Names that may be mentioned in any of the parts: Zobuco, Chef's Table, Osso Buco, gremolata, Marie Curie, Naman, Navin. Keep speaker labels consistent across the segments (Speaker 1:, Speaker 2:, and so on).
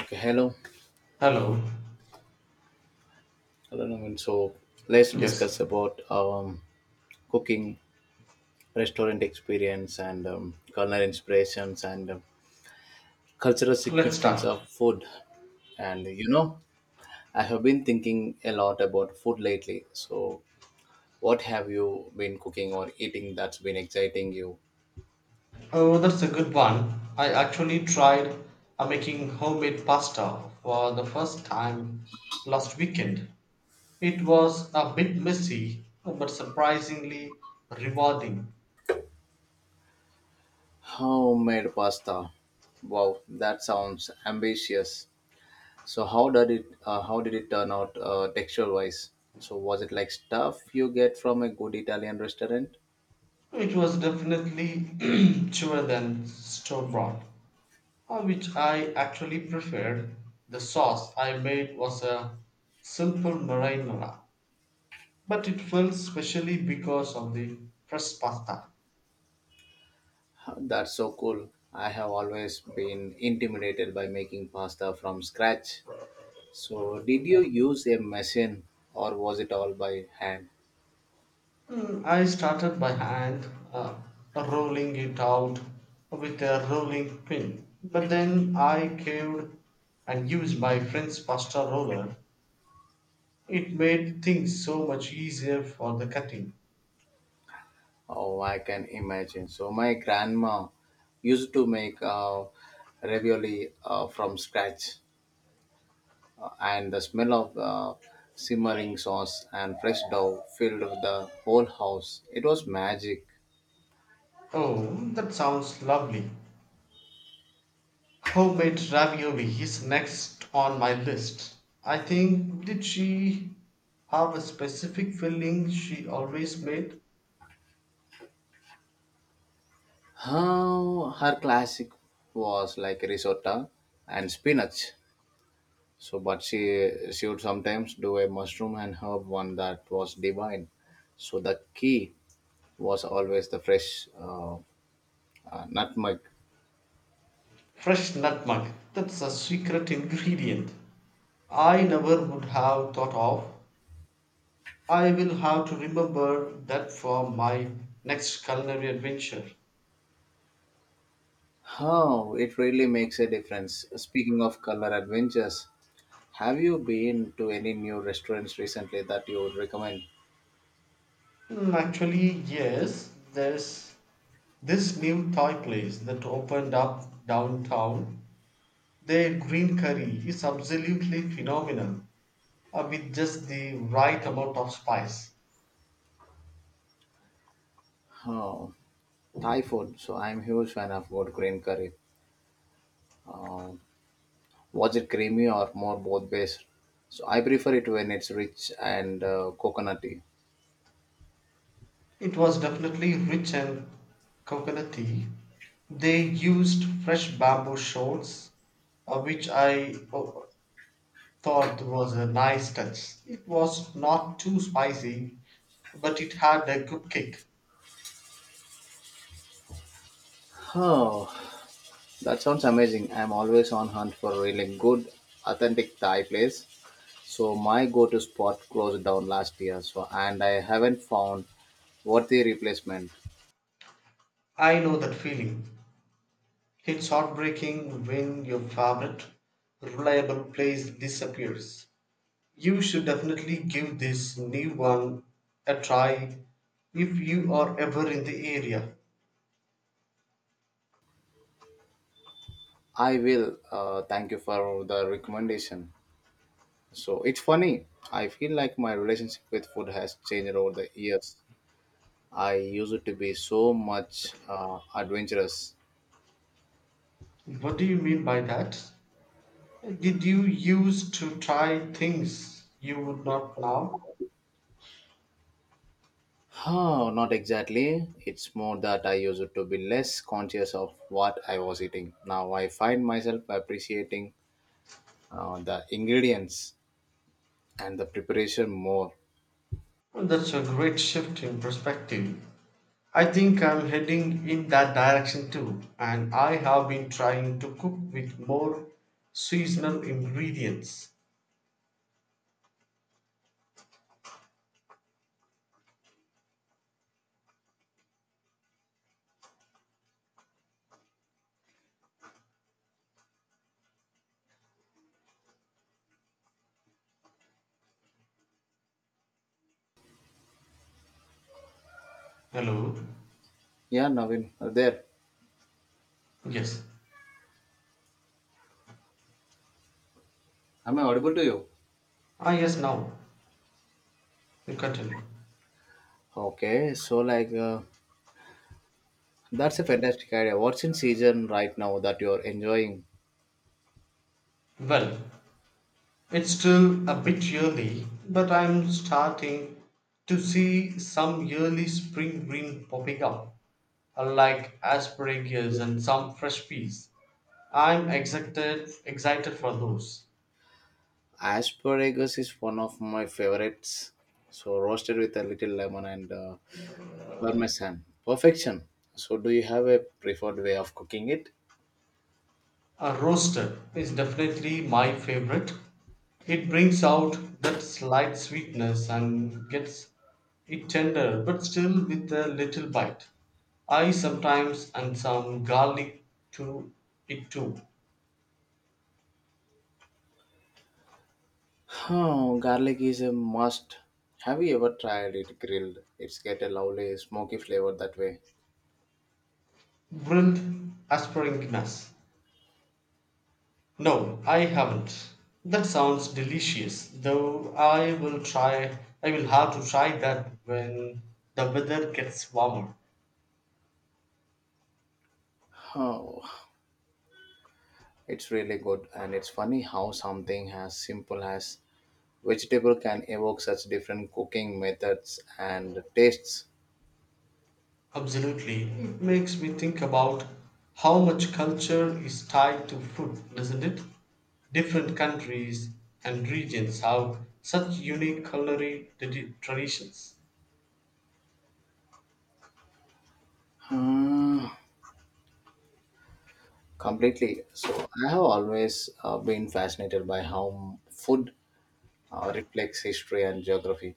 Speaker 1: Okay, hello.
Speaker 2: Hello.
Speaker 1: Hello, Naman. So let's
Speaker 2: Yes.
Speaker 1: discuss about cooking, restaurant experience, and culinary inspirations, and cultural
Speaker 2: Let's
Speaker 1: significance
Speaker 2: start.
Speaker 1: of food. And you know, I have been thinking a lot about food lately. So, what have you been cooking or eating that's been exciting you?
Speaker 2: Oh, that's a good one. I actually tried making homemade pasta for the first time last weekend. It was a bit messy, but surprisingly rewarding.
Speaker 1: Homemade pasta. Wow, that sounds ambitious. So how did it turn out texture wise? So was it like stuff you get from a good Italian restaurant?
Speaker 2: It was definitely chewer than store bought, which I actually preferred. The sauce I made was a simple marinara, but it felt specially because of the fresh pasta.
Speaker 1: Huh, that's so cool. I have always been intimidated by making pasta from scratch. So did you use a machine or was it all by hand?
Speaker 2: Mm. I started by hand, uh, rolling it out with a rolling pin. But then I caved and used my friend's pasta roller. It made things so much easier for the cutting.
Speaker 1: Oh, I can imagine. So my grandma used to make ravioli from scratch, and the smell of the simmering sauce and fresh dough filled the whole house. It was magic.
Speaker 2: Oh, that sounds lovely. Homemade ravioli is next on my list. I think, did she have a specific filling she always made?
Speaker 1: Her classic was like risotto and spinach. So, but she would sometimes do a mushroom and herb one that was divine. So the key was always the fresh nutmeg.
Speaker 2: Fresh nutmeg. That's a secret ingredient I never would have thought of. I will have to remember that for my next culinary adventure.
Speaker 1: How it really makes a difference. Speaking of color adventures, have you been to any new restaurants recently that you would recommend?
Speaker 2: Hmm. Actually, yes, there's this new Thai place that opened up downtown. Their green curry is absolutely phenomenal, with just the right amount of spice.
Speaker 1: Oh, Thai food. So I'm huge fan of good green curry. Uh, was it creamy or more both based? So I prefer it when it's rich and coconutty.
Speaker 2: It was definitely rich and coconutty. They used fresh bamboo shoots, uh, which I oh, thought was a nice touch. It was not too spicy, but it had a good kick.
Speaker 1: Oh, that sounds amazing. I'm always on hunt for a really good, authentic Thai place. So my go-to spot closed down last year. So and I haven't found worthy replacement.
Speaker 2: I know that feeling. It's heartbreaking when your favorite reliable place disappears. You should definitely give this new one a try if you are ever in the area.
Speaker 1: I will. Thank you for the recommendation. So it's funny. I feel like my relationship with food has changed over the years. I used to be so much adventurous.
Speaker 2: What do you mean by that? Did you used to try things you would not now?
Speaker 1: Oh, not exactly. It's more that I used to be less conscious of what I was eating. Now I find myself appreciating the ingredients and the preparation more.
Speaker 2: Well, that's a great shift in perspective. I think I'm heading in that direction too, and I have been trying to cook with more seasonal ingredients. Hello?
Speaker 1: Yeah, Navin, there.
Speaker 2: Yes.
Speaker 1: Am I audible to you?
Speaker 2: Ah, yes, now. You continue.
Speaker 1: Okay, so like that's a fantastic idea. What's in season right now that you're enjoying?
Speaker 2: Well, it's still a bit early, but I'm starting to see some early spring green popping up, like asparagus and some fresh peas. I'm excited for those.
Speaker 1: Asparagus is one of my favorites. So roasted with a little lemon and parmesan, perfection. So do you have a preferred way of cooking it?
Speaker 2: A roasted is definitely my favorite. It brings out that slight sweetness and gets it tender, but still with a little bite. I sometimes add some garlic to it too.
Speaker 1: Oh, garlic is a must. Have you ever tried it grilled? It's get a lovely smoky flavor that way.
Speaker 2: Grilled asparagus. No, I haven't. That sounds delicious, though I will try. I will have to try that when the weather gets warmer.
Speaker 1: Oh, it's really good, and it's funny how something as simple as vegetable can evoke such different cooking methods and tastes.
Speaker 2: Absolutely. It makes me think about how much culture is tied to food, doesn't it? Different countries and regions have such unique culinary traditions.
Speaker 1: Hmm, completely. So I have always been fascinated by how food reflects history and geography.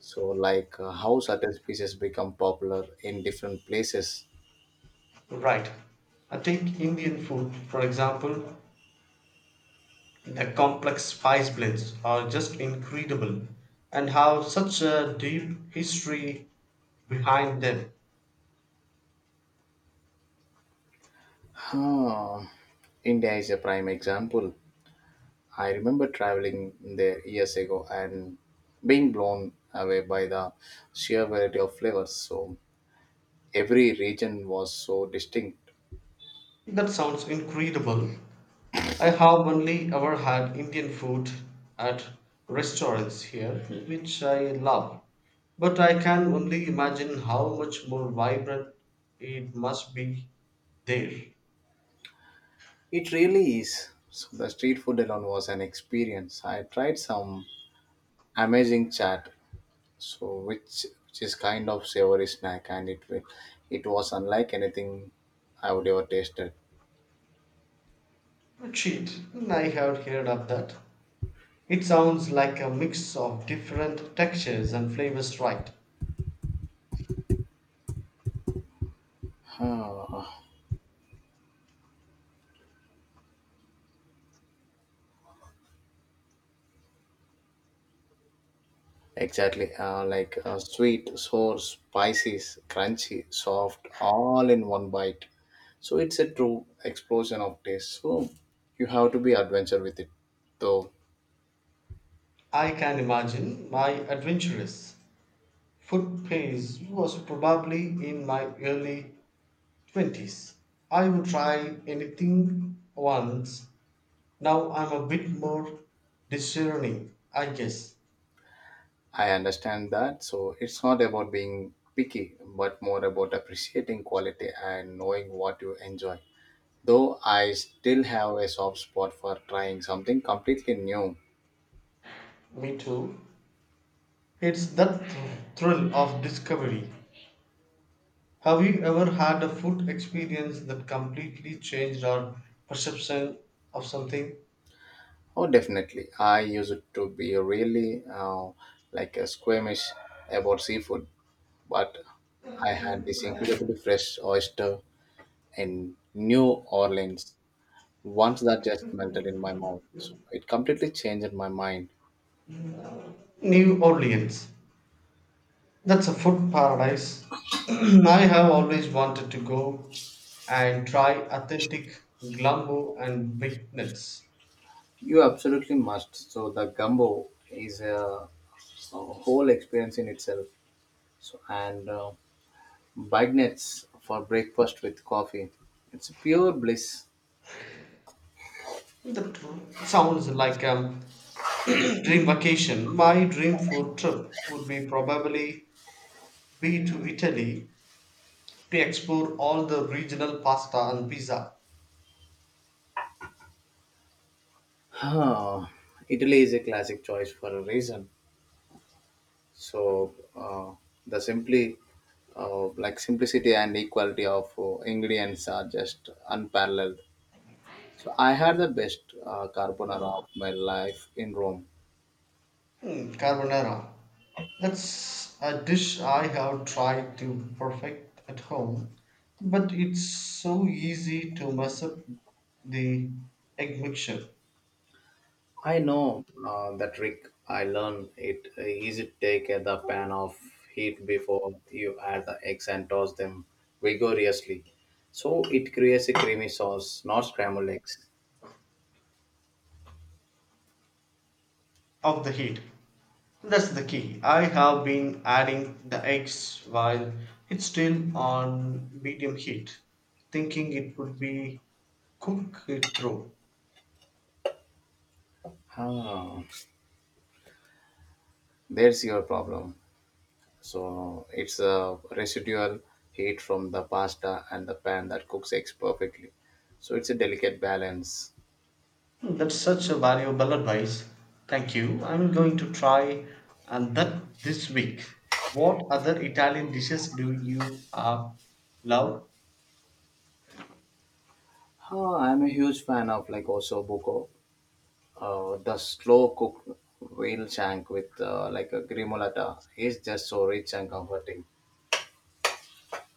Speaker 1: So, like how certain species become popular in different places.
Speaker 2: Right. I take Indian food, for example, the complex spice blends are just incredible and have such a deep history behind them.
Speaker 1: Huh. India is a prime example. I remember traveling there years ago and being blown away by the sheer variety of flavors. So, every region was so distinct.
Speaker 2: That sounds incredible. I have only ever had Indian food at restaurants here, which I love, but I can only imagine how much more vibrant it must be there.
Speaker 1: It really is. So the street food alone was an experience. I tried some amazing chat, so which is kind of savory snack, and it will it was unlike anything I would ever tasted.
Speaker 2: Cheat, I have heard of that. It sounds like a mix of different textures and flavors, right?
Speaker 1: Ah, exactly, like sweet, sour, spicy, crunchy, soft, all in one bite. So it's a true explosion of taste. So you have to be adventure with it, though.
Speaker 2: I can imagine my adventurous food phase was probably in my early 20s. I would try anything once. Now I'm a bit more discerning, I guess.
Speaker 1: I understand that. So it's not about being picky, but more about appreciating quality and knowing what you enjoy. Though I still have a soft spot for trying something completely new.
Speaker 2: Me too. It's that thrill of discovery. Have you ever had a food experience that completely changed our perception of something?
Speaker 1: Oh, definitely. I used to be really like a squeamish about seafood, but I had this incredibly fresh oyster in New Orleans once that just melted in my mouth. So it completely changed my mind.
Speaker 2: New Orleans. That's a food paradise. I have always wanted to go and try authentic glambo and baked nuts.
Speaker 1: You absolutely must. So the gumbo is a whole experience in itself. So and Beignets for breakfast with coffee. It's pure bliss.
Speaker 2: That sounds like dream vacation my dream food trip would be probably be to italy to explore all the regional pasta and pizza.
Speaker 1: Huh. Italy is a classic choice for a reason. So the simply like simplicity and equality of ingredients are just unparalleled. So I had the best carbonara of my life in Rome.
Speaker 2: Hmm, carbonara, that's a dish I have tried to perfect at home, but it's so easy to mess up the egg mixture
Speaker 1: I know the trick. I learned it easy to take the pan of heat before you add the eggs and toss them vigorously. So it creates a creamy sauce, not scrambled eggs.
Speaker 2: of the heat. That's the key. I have been adding the eggs while it's still on medium heat, thinking it would be cook it through.
Speaker 1: Ah, there's your problem. So it's a residual heat from the pasta and the pan that cooks eggs perfectly. So it's a delicate balance.
Speaker 2: That's such a valuable advice. Thank you. I'm going to try and that this week. What other Italian dishes do you love?
Speaker 1: Ah, I'm a huge fan of like Osso Buco. The slow cooked whale shank with like a grimolata is just so rich and comforting.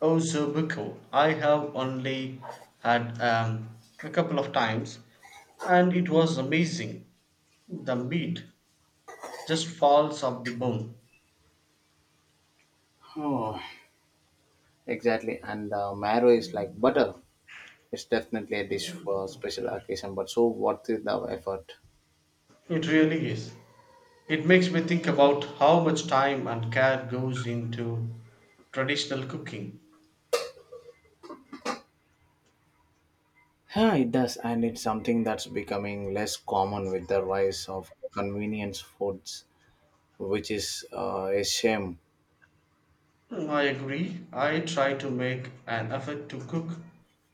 Speaker 2: Oh, Zobuco. I have only had a couple of times and it was amazing. The meat just falls off the bone.
Speaker 1: Oh, exactly, and the marrow is like butter. It's definitely a dish for special occasion, but so worth it the effort.
Speaker 2: It really is. It makes me think about how much time and care goes into traditional cooking.
Speaker 1: Yeah, it does, and it's something that's becoming less common with the rise of convenience foods, which is a shame.
Speaker 2: Hmm, I agree. I try to make an effort to cook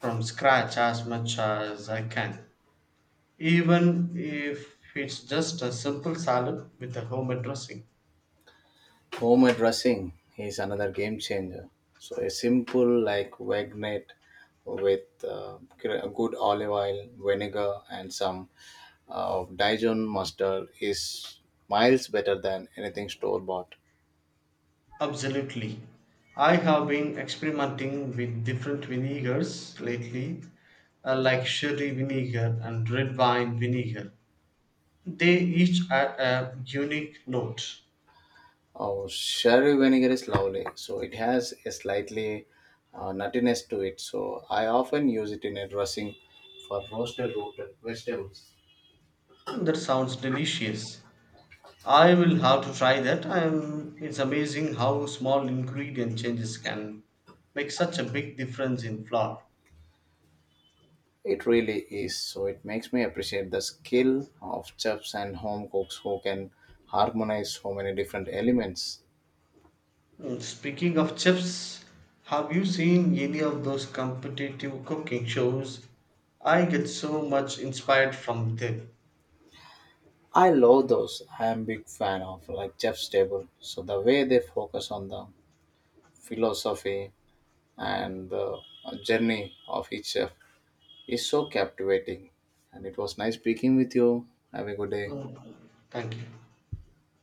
Speaker 2: from scratch as much as I can, even if it's just a simple salad with a homemade dressing.
Speaker 1: Home dressing is another game changer. So a simple like vinaigrette with good olive oil, vinegar, and some Dijon mustard is miles better than anything store bought.
Speaker 2: Absolutely. I have been experimenting with different vinegars lately, like sherry vinegar and red wine vinegar. They each add a unique note.
Speaker 1: Oh, sherry vinegar is lovely. So it has a slightly nuttiness to it. So I often use it in a dressing for roasted root vegetables.
Speaker 2: And that sounds delicious. I will have to try that. It's amazing how small ingredient changes can make such a big difference in flour.
Speaker 1: It really is. So it makes me appreciate the skill of chefs and home cooks who can harmonize so many different elements.
Speaker 2: Mm, speaking of chefs, have you seen any of those competitive cooking shows? I get so much inspired from them.
Speaker 1: I love those. I am big fan of like Chef's Table. So the way they focus on the philosophy and the journey of each chef is so captivating. And it was nice speaking with you. Have a good day.
Speaker 2: Mm, thank you.